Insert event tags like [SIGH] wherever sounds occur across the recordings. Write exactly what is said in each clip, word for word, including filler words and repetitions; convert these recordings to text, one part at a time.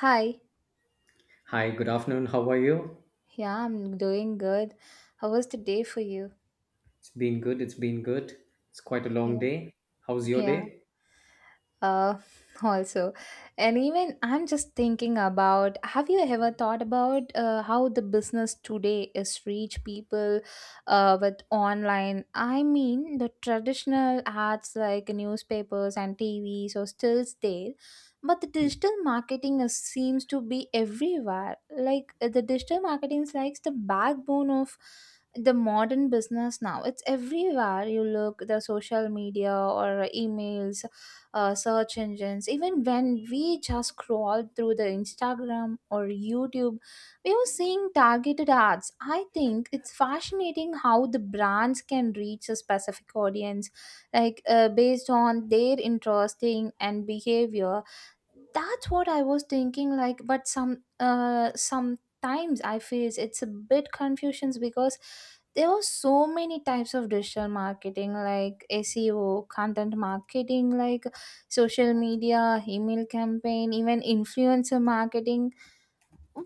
Hi. Hi, good afternoon. How are you? Yeah, I'm doing good. How was the day for you? It's been good. It's been good. It's quite a long Yeah. day. How's your Yeah. day? uh, [LAUGHS] also and even i'm just thinking about, have you ever thought about uh, how the business today is reach people uh, with online? I mean, the traditional ads like newspapers and tvs are still there, but the digital marketing is, seems to be everywhere. Like uh, the digital marketing is like the backbone of the modern business now. It's everywhere you look, the social media or emails, uh, search engines. Even when we just scroll through the Instagram or YouTube, we are seeing targeted ads. I think it's fascinating how the brands can reach a specific audience, like uh, based on their interesting and behavior. That's what I was thinking, like, but some uh sometimes I face it's a bit confusions, because there are so many types of digital marketing, like S E O, content marketing, like social media, email campaign, even influencer marketing.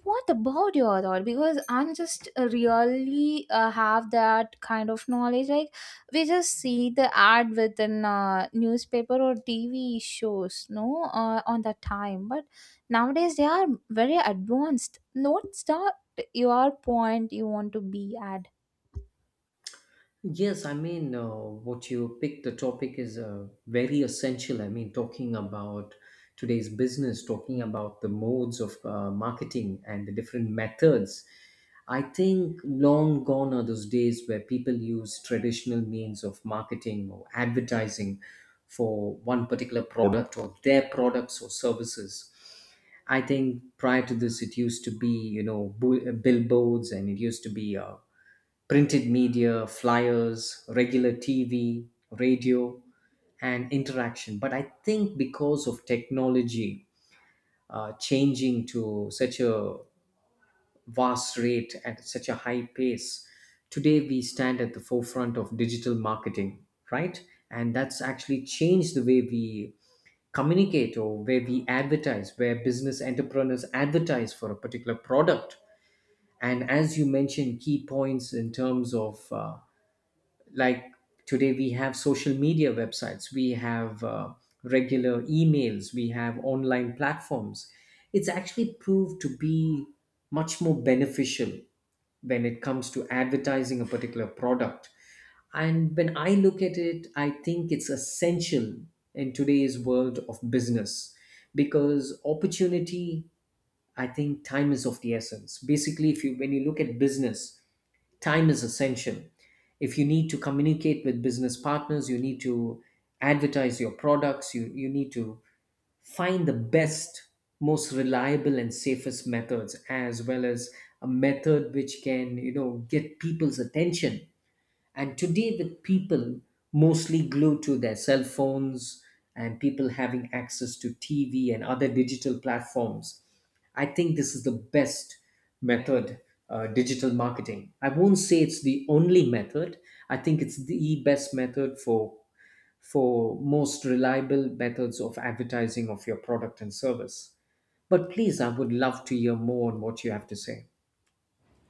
What about your thought? Because I'm just uh, really uh, have that kind of knowledge, like we just see the ad within uh, newspaper or tv shows, no, uh, on that time, but nowadays they are very advanced. Note that your point you want to be at. Yes, I mean, uh, what you picked the topic is uh, very essential. I mean, talking about today's business, talking about the modes of uh, marketing and the different methods. I think long gone are those days where people use traditional means of marketing or advertising for one particular product or their products or services. I think prior to this, it used to be, you know, bu- uh, billboards, and it used to be uh, printed media, flyers, regular T V, radio, and interaction. But I think because of technology uh, changing to such a vast rate at such a high pace, today we stand at the forefront of digital marketing, right? And that's actually changed the way we communicate or where we advertise, where business entrepreneurs advertise for a particular product. And as you mentioned, key points in terms of, uh, like, today we have social media websites, we have uh, regular emails, we have online platforms. It's actually proved to be much more beneficial when it comes to advertising a particular product. And when I look at it, I think it's essential in today's world of business, because opportunity, I think time is of the essence. Basically, if you when you look at business, time is essential. If you need to communicate with business partners, you need to advertise your products, you, you need to find the best, most reliable and safest methods, as well as a method which can, you know, get people's attention. And today, with people mostly glued to their cell phones, and people having access to T V and other digital platforms, I think this is the best method, uh, digital marketing. I won't say it's the only method. I think it's the best method for for most reliable methods of advertising of your product and service. But please, I would love to hear more on what you have to say.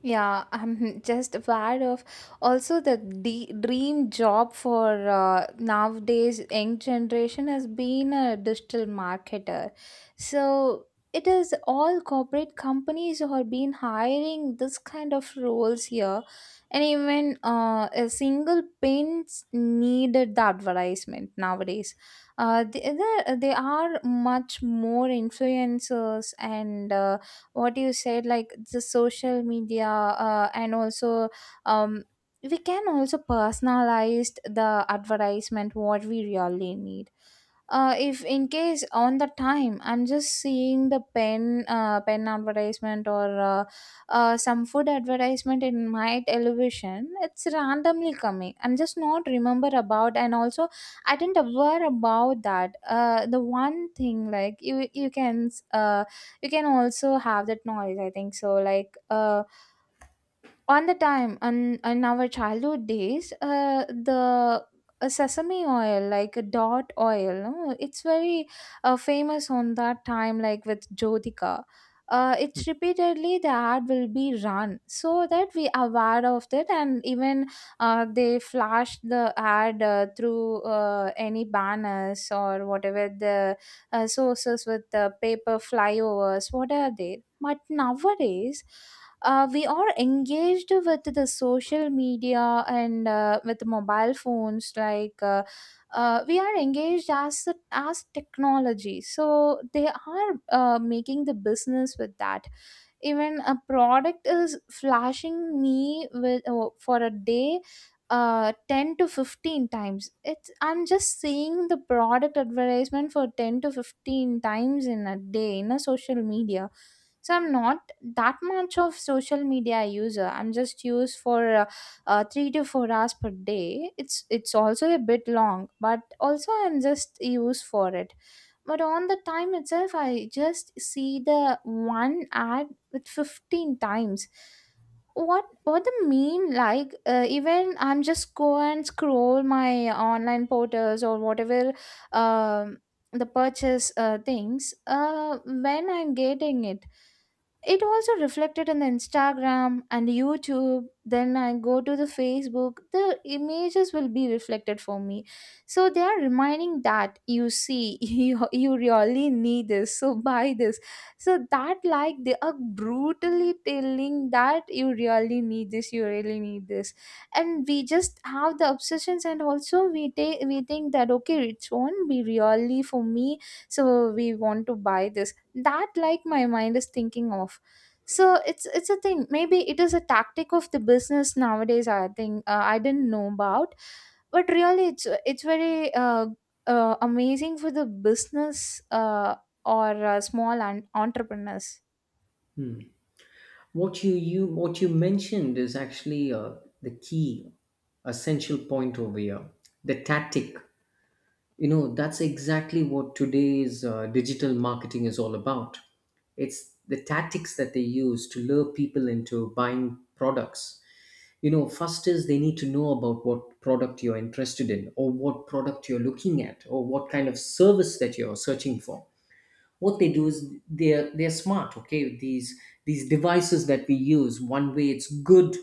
Yeah, I'm [LAUGHS] just aware of also the de- dream job for uh, nowadays young generation has been a digital marketer. So it is all corporate companies who have been hiring this kind of roles here, and even uh, a single pins needed the advertisement nowadays. Uh, they, they they are much more influencers. And Uh, what you said, like the social media uh, and also um, we can also personalize the advertisement what we really need. Uh, if in case on the time I'm just seeing the pen uh, pen advertisement or uh, uh, some food advertisement in my television, it's randomly coming. I'm just not remember about, and also I didn't aware about that. Uh, the one thing, like you you can uh, you can also have that noise, I think so. Like uh, on the time on, in our childhood days, uh, the uh, sesame oil, like a dot oil, no? It's very uh, famous on that time, like with jyotika. Uh, it's repeatedly the ad will be run, so that we aware of that. And even uh, they flash the ad uh, through uh, any banners or whatever the uh, sources, with the paper flyovers, what are they. But nowadays uh, we are engaged with the social media and uh, with mobile phones, like uh, uh, we are engaged as as technology, so they are uh, making the business with that. Even a product is flashing me with, oh, for a day uh ten to fifteen times. It's I'm just seeing the product advertisement for ten to fifteen times in a day in a social media. So I'm not that much of social media user. I'm just used for uh, uh, three to four hours per day. it's it's also a bit long, but also I'm just used for it. But on the time itself I just see the one ad with fifteen times. what what the mean, like uh, even I'm just go and scroll my online portals or whatever, um the purchase uh, things, uh when I'm getting it, it also reflected in the Instagram and YouTube. Then I go to the Facebook, the images will be reflected for me. So they are reminding that, you see, [LAUGHS] you, you really need this, so buy this. So that like they are brutally telling that you really need this, you really need this. And we just have the obsessions, and also we take, we think that okay, it won't be really for me, so we want to buy this. That like my mind is thinking of. So it's it's a thing, maybe it is a tactic of the business nowadays, I think. Uh, I didn't know about, but really it's it's very uh, uh, amazing for the business, uh, or uh, small an- entrepreneurs. What you, you what you mentioned is actually uh, the key essential point over here. The tactic, you know, that's exactly what today's uh, digital marketing is all about. It's the tactics that they use to lure people into buying products. You know, first is they need to know about what product you're interested in, or what product you're looking at, or what kind of service that you're searching for. What they do is they're they're smart, okay? these these devices that we use, one way it's good,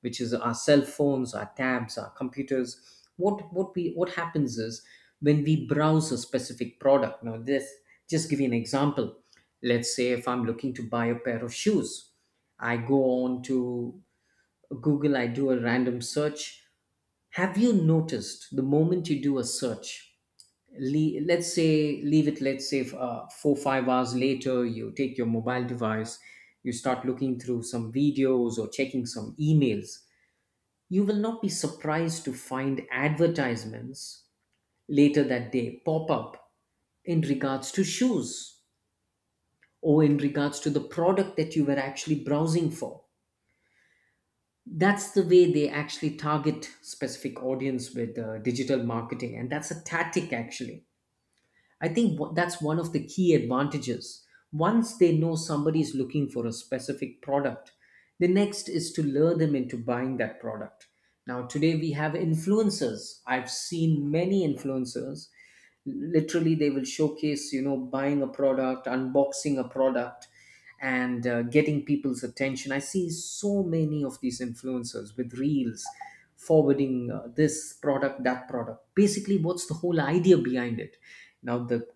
which is our cell phones, our tabs, our computers. What what we what happens is, when we browse a specific product, now this, just give you an example, let's say if I'm looking to buy a pair of shoes, I go on to Google, I do a random search. Have you noticed, the moment you do a search, le- let's say leave it let's say uh, four five hours later you take your mobile device, you start looking through some videos or checking some emails, you will not be surprised to find advertisements later that day pop up in regards to shoes, or in regards to the product that you were actually browsing for. That's the way they actually target specific audience with uh, digital marketing, and that's a tactic actually. I think wh- that's one of the key advantages. Once they know somebody is looking for a specific product, the next is to lure them into buying that product. Now, today we have influencers. I've seen many influencers. Literally, they will showcase, you know, buying a product, unboxing a product and uh, getting people's attention. I see so many of these influencers with reels forwarding uh, this product, that product. Basically, what's the whole idea behind it? Now, the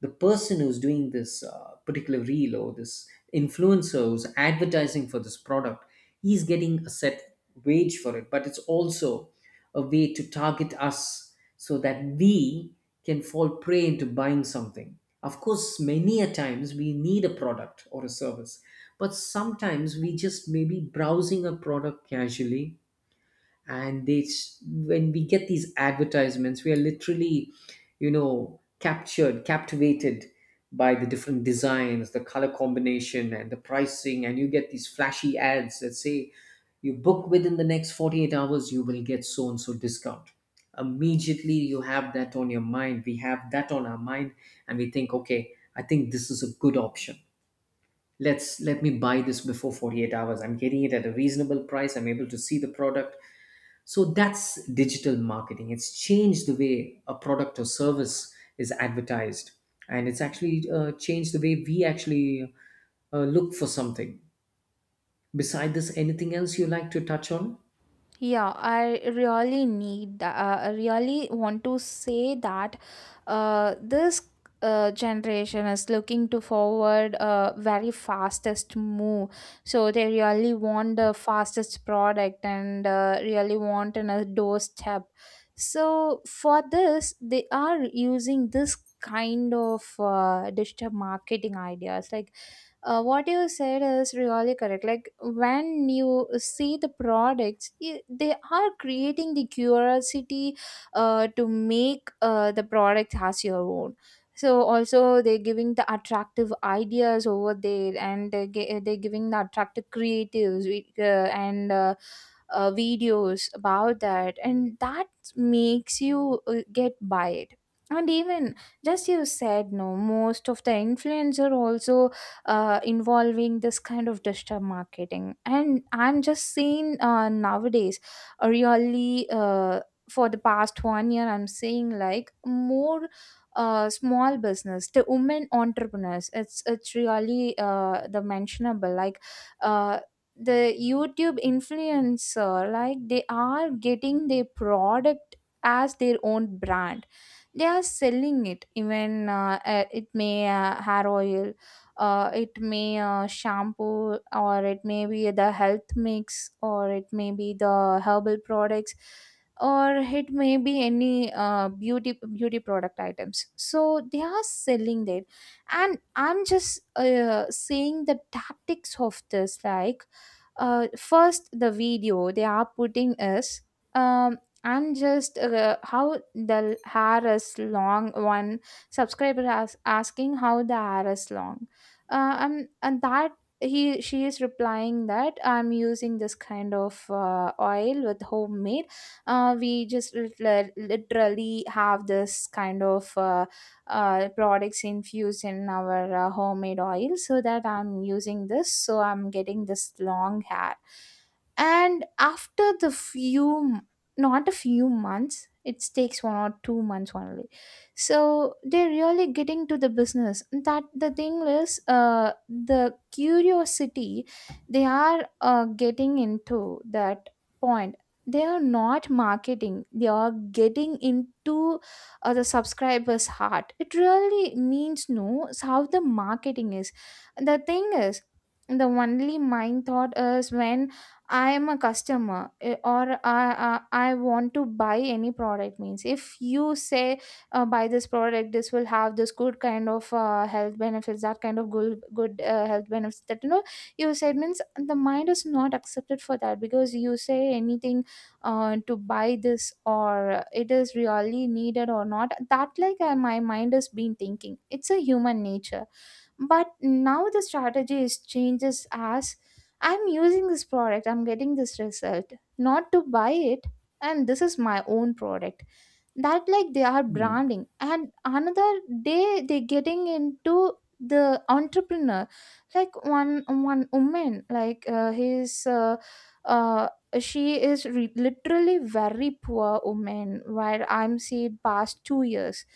the person who's doing this uh, particular reel or this influencer who's advertising for this product, he's getting a set wage for it, but it's also a way to target us so that we can fall prey into buying something. Of course, many a times we need a product or a service, but sometimes we just may be browsing a product casually, and they s- when we get these advertisements, we are literally, you know, captured, captivated by the different designs, the color combination, and the pricing. And you get these flashy ads that say you book within the next forty-eight hours, you will get so and so discount. Immediately you have that on your mind, we have that on our mind, and we think, okay, I think this is a good option, let's let me buy this before forty-eight hours, I'm getting it at a reasonable price, I'm able to see the product. So that's digital marketing. It's changed the way a product or service is advertised, and it's actually uh, changed the way we actually uh, look for something. Beside this, anything else you like to touch on? Yeah, I really need that. Uh, I really want to say that uh, this uh, generation is looking to forward uh, very fastest move. So they really want the fastest product and uh, really want in a doorstep. So for this, they are using this kind of uh, digital marketing ideas, like uh, what you said is really correct. Like when you see the products, i- they are creating the curiosity uh, to make uh, the product as your own. So also they're giving the attractive ideas over there, and they're, gi- they're giving the attractive creatives, we- uh, and uh, uh, videos about that. And that makes you uh, get by it. And even, just you said, no, most of the influencer also uh, involving this kind of digital marketing. And I'm just seeing uh, nowadays a really uh, for the past one year, I'm seeing like more uh, small business, the women entrepreneurs. It's it's really uh, the mentionable, like. Uh, the YouTube influencer, like they are getting their product as their own brand, they are selling it. Even uh, uh, it may uh, hair oil, uh, it may uh, shampoo, or it may be the health mix, or it may be the herbal products, or it may be any uh, beauty beauty product items. So they are selling that, and I'm just uh, saying the tactics of this, like uh, first the video they are putting is, um, and just uh, how the hair is long, one subscriber as asking how the hair is long, uh, and and that he she is replying that I'm using this kind of uh, oil with homemade. Uh, we just lit- literally have this kind of uh, uh, products infused in our uh, homemade oil, so that I'm using this, so I'm getting this long hair. And after the few, not a few months, it takes one or two months only. So they're really getting to the business. That the thing is uh, the curiosity. They are uh, getting into that point. They are not marketing, they are getting into uh, the subscribers heart. It really means knows how the marketing is. The thing is, the only mind thought is when I am a customer, eh, or I, I I want to buy any product means. If you say uh, buy this product, this will have this good kind of uh, health benefits, that kind of good good uh, health benefits, that, you know, you said means the mind is not accepted for that. Because you say anything uh, to buy this, or it is really needed or not, that like uh, my mind has been thinking. It's a human nature. But now the strategy is changes as, I'm using this product, I'm getting this result, not to buy it. And this is my own product. That like they are Hmm. branding. And another day they getting into the entrepreneur, like one one woman, like uh, he's uh, uh, she is re- literally very poor woman. Where I'm see past two years,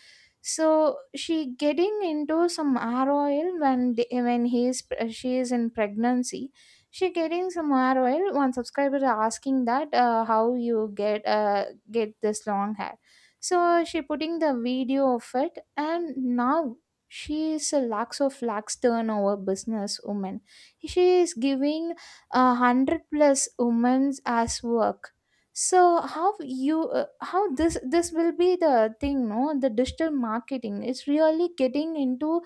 so she getting into some r oil when the, when he is, she is in pregnancy, she getting some r oil. One subscriber asking that uh, how you get uh, get this long hair. So she putting the video of it, and now she is a lakhs of lakhs turnover business woman. She is giving a hundred plus women as work. So how you uh, how this this will be the thing, no? The digital marketing is really getting into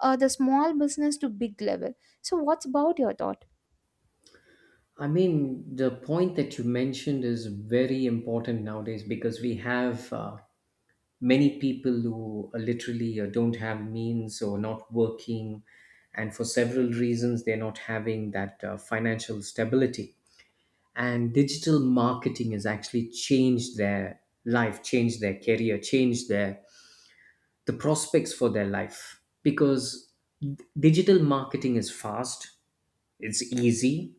uh, the small business to big level. So what's about your thought? I mean, the point that you mentioned is very important nowadays, because we have uh, many people who are literally, uh, don't have means or not working, and for several reasons, they're not having that uh, financial stability. And digital marketing has actually changed their life, changed their career, changed their the prospects for their life, because d- digital marketing is fast, it's easy,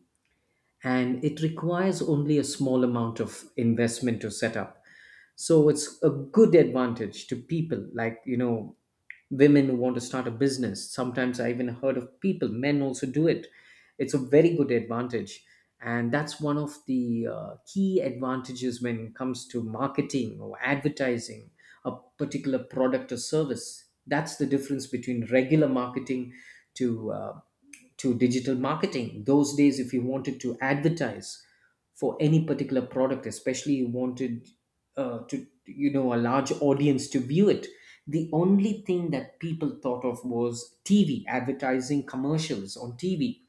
and it requires only a small amount of investment to set up. So it's a good advantage to people, like, you know, women who want to start a business. Sometimes I even heard of people, men also do it. It's a very good advantage. And that's one of the uh, key advantages when it comes to marketing or advertising a particular product or service. That's the difference between regular marketing to uh, to digital marketing. Those days, if you wanted to advertise for any particular product, especially you wanted uh, to, you know, a large audience to view it, the only thing that people thought of was T V, advertising commercials on T V,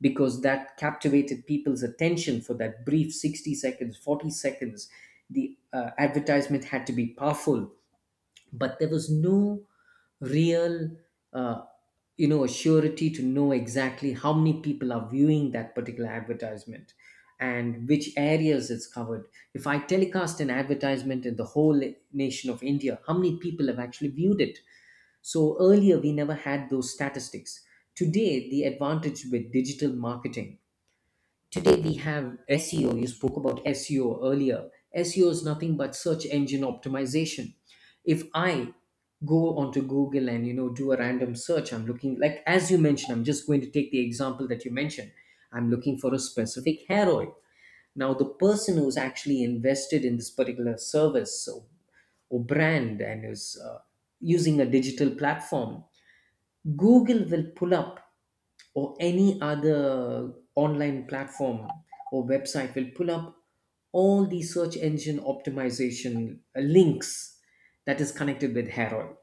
because that captivated people's attention for that brief sixty seconds, forty seconds. The uh, advertisement had to be powerful, but there was no real uh, you know surety to know exactly how many people are viewing that particular advertisement and which areas it's covered. If I telecast an advertisement in the whole nation of India, how many people have actually viewed it? So earlier we never had those statistics. Today the advantage with digital marketing. Today we have S E O. You spoke about S E O earlier. S E O is nothing but search engine optimization. If I go onto Google and, you know, do a random search, I'm looking, like, as you mentioned, I'm just going to take the example that you mentioned. I'm looking for a specific hair oil. Now the person who's actually invested in this particular service or, or brand and is uh, using a digital platform, Google will pull up, or any other online platform or website will pull up all the search engine optimization uh, links that is connected with hair oil,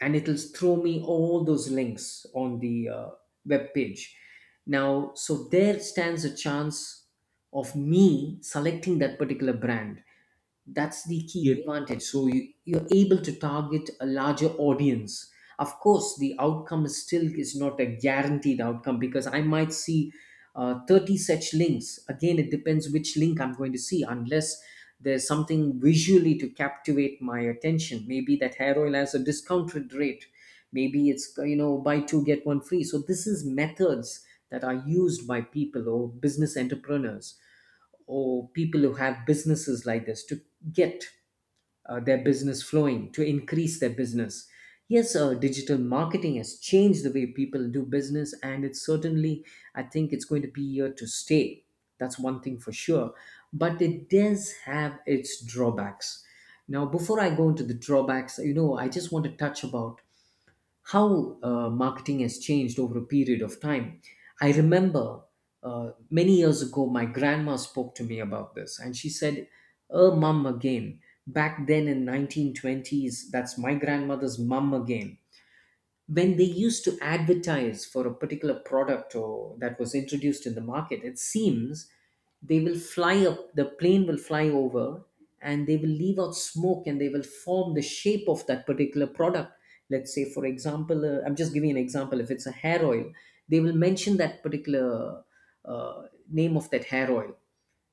and it'll throw me all those links on the uh, web page now. So there stands a chance of me selecting that particular brand. That's the key. Yep. Advantage. So you, you're able to target a larger audience. Of course, the outcome is still is not a guaranteed outcome, because I might see uh, thirty such links. Again, it depends which link I'm going to see, unless there's something visually to captivate my attention. Maybe that hair oil has a discounted rate. Maybe it's, you know, buy two, get one free. So, this is methods that are used by people or business entrepreneurs or people who have businesses like this to get uh, their business flowing, to increase their business. Yes, uh, digital marketing has changed the way people do business, and it's certainly, I think, it's going to be here to stay. That's one thing for sure. But it does have its drawbacks. Now, before I go into the drawbacks, you know, I just want to touch about how uh, marketing has changed over a period of time. I remember uh, many years ago, my grandma spoke to me about this, and she said, "Er, mum again." Back then in nineteen twenties, that's my grandmother's mum again, when they used to advertise for a particular product or that was introduced in the market, it seems they will fly up, the plane will fly over and they will leave out smoke and they will form the shape of that particular product. Let's say, for example, uh, I'm just giving an example, if it's a hair oil, they will mention that particular uh, name of that hair oil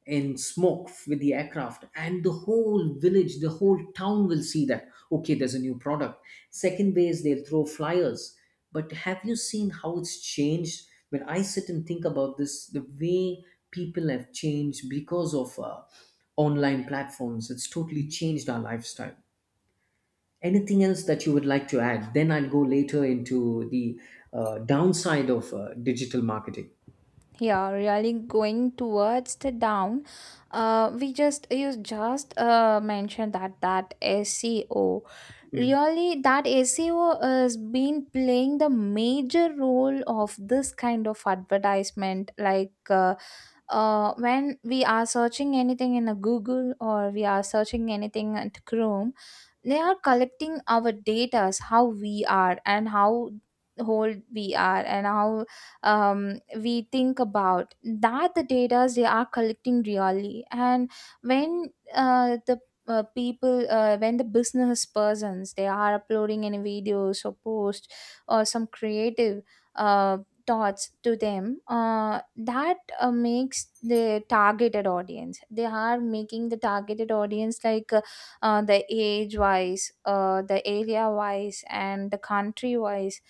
in smoke with the aircraft, and the whole village, the whole town will see that, okay, there's a new product. Second way is they'll throw flyers. But have you seen how it's changed? When I sit and think about this, the way people have changed because of uh, online platforms, it's totally changed our lifestyle. Anything else that you would like to add? Then I'll go later into the uh, downside of uh, digital marketing. Yeah, really going towards the down. Uh we just you just uh mentioned that that S E O, really that S E O has been playing the major role of this kind of advertisement, like uh, uh, when we are searching anything in a Google, or we are searching anything at Chrome, they are collecting our data, how we are and how old we are and how, um, we think about that, the data they are collecting really. And when uh, the uh, people uh, when the business persons, they are uploading any videos or post or some creative uh, thoughts to them, uh, that uh, makes the targeted audience, they are making the targeted audience, like uh, uh, the age wise, uh, the area wise, and the country wise.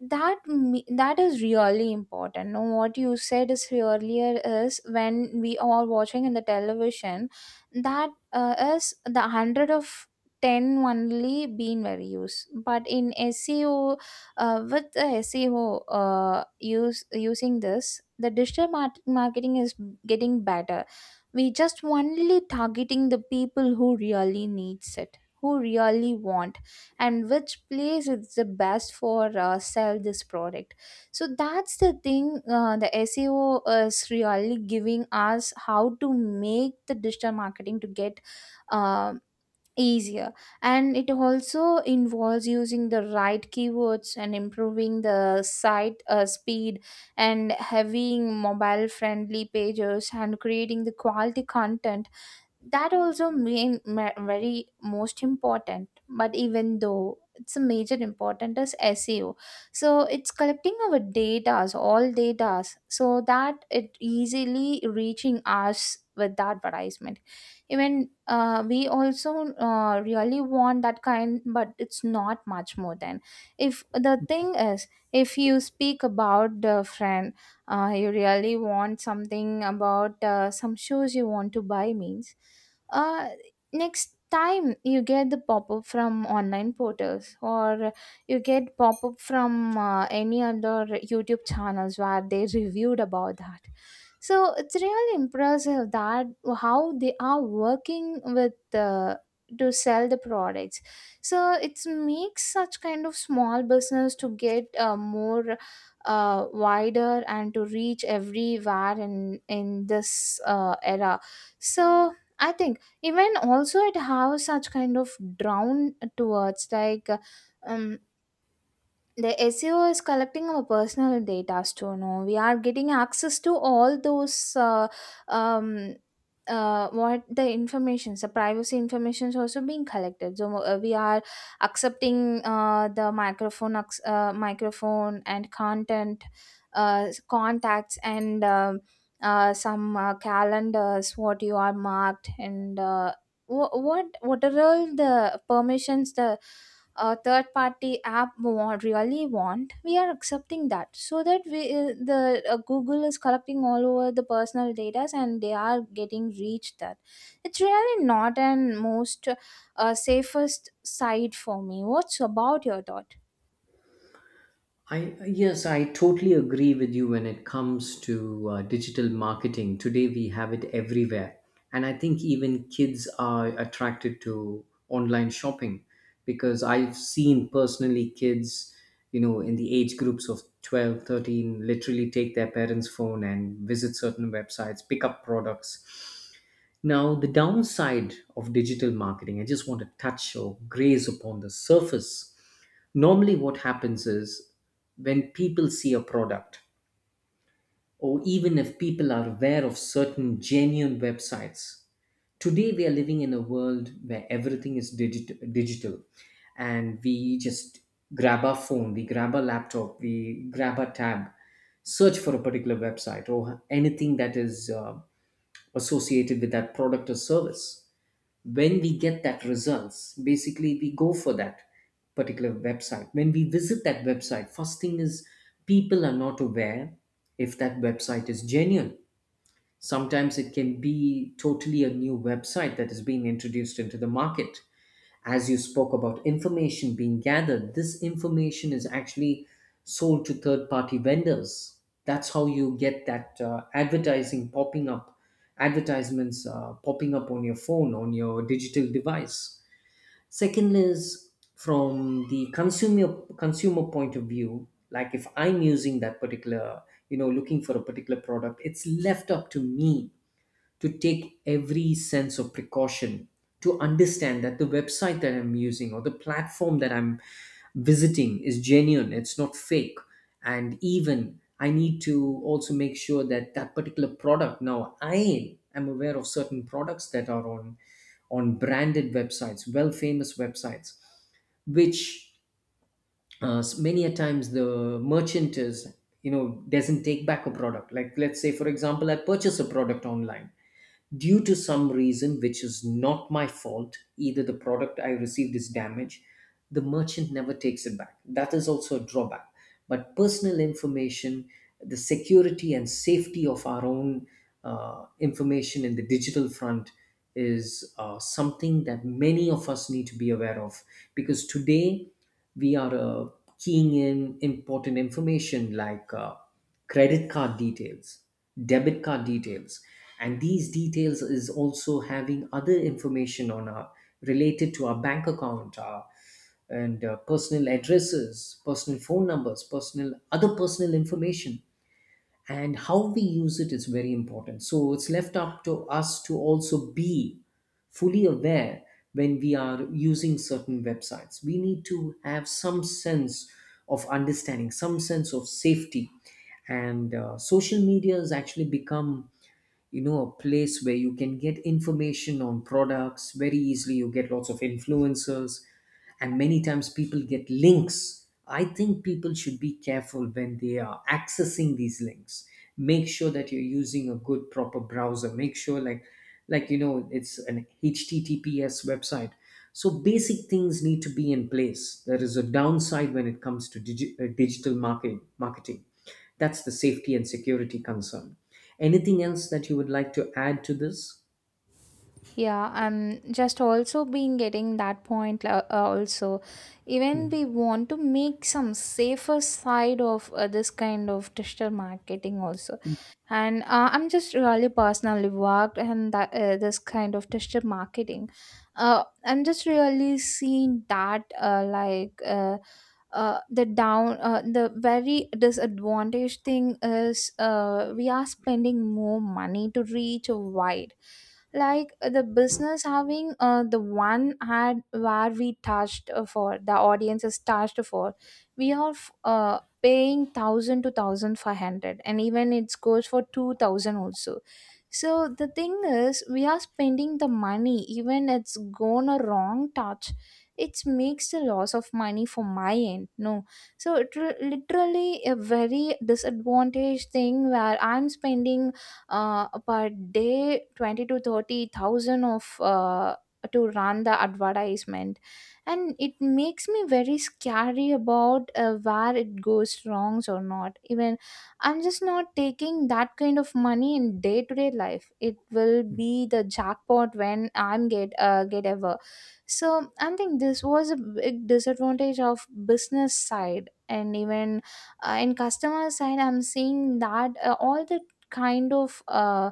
that me- That is really important. Now, what you said is earlier is, when we are watching in the television, that uh, is the one hundred of ten only being very used, but in S E O, uh, with the S E O, uh, use using this, the digital mar- marketing is getting better. We just only targeting the people who really needs it, who really want, and which place is the best for uh, sell this product. So that's the thing, uh, the S E O is really giving us how to make the digital marketing to get, um easier. And it also involves using The right keywords and improving the site uh, speed and having mobile friendly pages and creating the quality content that also main ma- very most important, but even though it's a major important is SEO. So it's collecting our datas, all datas, so that it easily reaching us with the advertisement. Even uh, we also uh, really want that kind, but it's not much more than if the thing is, if you speak about the friend, uh, you really want something about uh, some shoes you want to buy means, uh, next time you get the pop-up from online portals, or you get pop-up from uh, any other YouTube channels where they reviewed about that. So it's really impressive that how they are working with uh, to sell the products. So it makes such kind of small business to get uh, more uh, wider and to reach everywhere in in this uh, era. So I think even also it has such kind of drawn towards like. Um, the S E O is collecting our personal data to know we are getting access to all those uh, um, uh, what the informations, the privacy information is also being collected, so uh, we are accepting uh, the microphone acc- uh, microphone and content uh, contacts, and um, uh, some uh, calendars what you are marked, and uh, wh- what what are all the permissions the a third party app want, really want, we are accepting that, so that we uh, the uh, Google is collecting all over the personal data and they are getting reached that. It's really not an most uh, safest side for me. What's about your thought? I yes, I totally agree with you when it comes to uh, digital marketing. Today we have it everywhere, and I think even kids are attracted to online shopping, because I've seen personally kids, you know, in the age groups of twelve, thirteen, literally take their parents' phone and visit certain websites, pick up products. Now, the downside of digital marketing, I just want to touch or graze upon the surface. Normally, what happens is, when people see a product, or even if people are aware of certain genuine websites, today we are living in a world where everything is digit- digital, and we just grab our phone, we grab our laptop, we grab our tab, search for a particular website or anything that is uh, associated with that product or service. When we get that results, basically we go for that particular website. When we visit that website, first thing is, people are not aware if that website is genuine. Sometimes it can be totally a new website that is being introduced into the market. As you spoke about information being gathered, this information is actually sold to third party vendors. That's how you get that uh, advertising popping up, advertisements uh, popping up on your phone, on your digital device. Second is, from the consumer consumer point of view, like if I'm using that particular, you know, looking for a particular product, it's left up to me to take every sense of precaution to understand that the website that I'm using or the platform that I'm visiting is genuine, it's not fake. And even I need to also make sure that that particular product, now I am aware of certain products that are on on branded websites, well famous websites, which uh, many a times the merchant is, you know, doesn't take back a product. Like, let's say for example, I purchase a product online, due to some reason which is not my fault, either the product I received is damaged, the merchant never takes it back. That is also a drawback. But personal information, the security and safety of our own uh, information in the digital front is uh, something that many of us need to be aware of, because today we are uh, keying in important information like uh, credit card details, debit card details, and these details is also having other information on our, related to our bank account, our and uh, personal addresses, personal phone numbers, personal other personal information, and how we use it is very important. So it's left up to us to also be fully aware when we are using certain websites. We need to have some sense of understanding, some sense of safety. And uh, social media has actually become, you know, a place where you can get information on products very easily. You get lots of influencers, and many times people get links. I think people should be careful when they are accessing these links. Make sure that you're using a good proper browser. Make sure, like, like you know, it's an https website. So basic things need to be in place. There is a downside when it comes to digi- uh, digital marketing marketing That's the safety and security concern. Anything else that you would like to add to this? Yeah, I'm just also been getting that point, uh, uh, also, even Hmm. we want to make some safer side of uh, this kind of digital marketing also. And uh, I'm just really personally worked and that uh, this kind of digital marketing, uh, I'm just really seeing that uh, like uh, uh, the down uh, the very disadvantage thing is uh, we are spending more money to reach wide. Like uh, the business having uh, the one ad where we touched uh, for the audience is touched for, we are f- uh, paying one thousand to one thousand five hundred, and even it goes for two thousand also. So the thing is we are spending the money even it's gone a wrong touch, it makes a loss of money for my end, no? So it re- literally a very disadvantaged thing where I'm spending uh, per day twenty to thirty thousand of uh, to run the advertisement. And it makes me very scary about uh, where it goes wrongs or not. Even I'm just not taking that kind of money in day to day life, it will be the jackpot when I'm get uh, get ever. So I think this was a big disadvantage of business side, and even uh, in customer side I'm seeing that uh, all the kind of uh,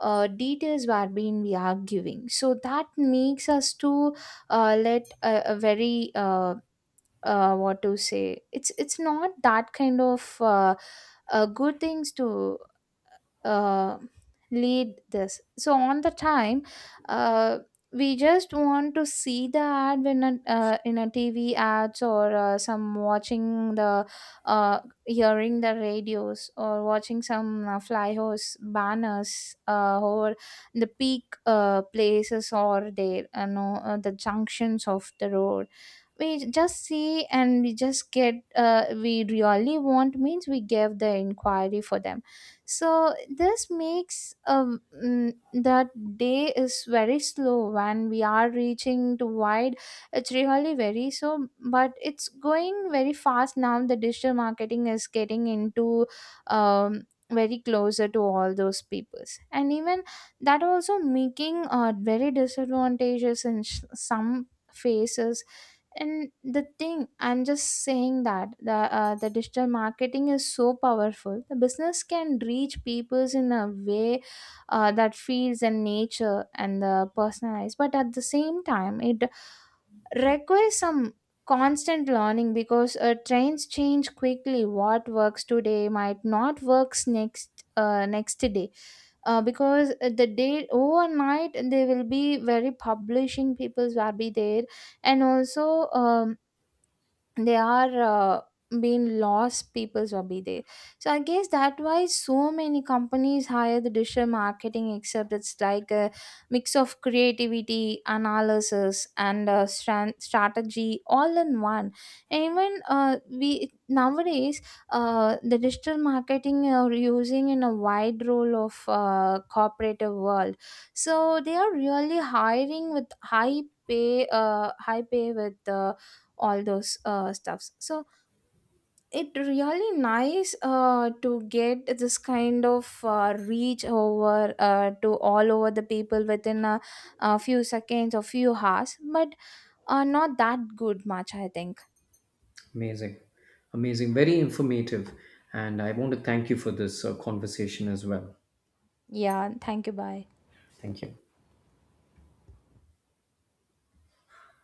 uh, details were being we are giving, so that makes us to uh, let a, a very uh, uh, what to say, it's it's not that kind of uh, uh, good things to uh, lead this. So on the time uh, we just want to see the ad when a, uh, in a TV ads or uh, some watching the uh, hearing the radios or watching some uh, flyers, banners, uh, or the peak uh, places or there you know uh, the junctions of the road, we just see and we just get uh, we really want means we give the inquiry for them. So this makes um mm, the day is very slow when we are reaching to wide. It's really very so, but it's going very fast now. The digital marketing is getting into um very closer to all those peoples, and even that also making uh, very disadvantages in sh- some faces. And the thing I'm just saying that the uh, the digital marketing is so powerful, the business can reach peoples in a way uh, that feels and nature and the personalized, but at the same time it requires some constant learning, because uh, trends change quickly, what works today might not works next uh, next day. Uh, because uh, the day overnight they will be very publishing peoples will be there. And also um, they are uh, being lost people's hobby there. So I guess that why so many companies hire the digital marketing, except it's like a mix of creativity, analysis, and uh, stran strategy all in one. And even uh, we nowadays uh, the digital marketing uh, are using in a wide role of uh, cooperative world. So they are really hiring with high pay, uh, high pay with. Uh, all those uh, stuffs. So it really nice uh, to get this kind of uh, reach over uh, to all over the people within a, a few seconds or few hours, but uh, not that good much I think. Amazing. Amazing. Very informative. And I want to thank you for this uh, conversation as well. Yeah, thank you. Bye. Thank you.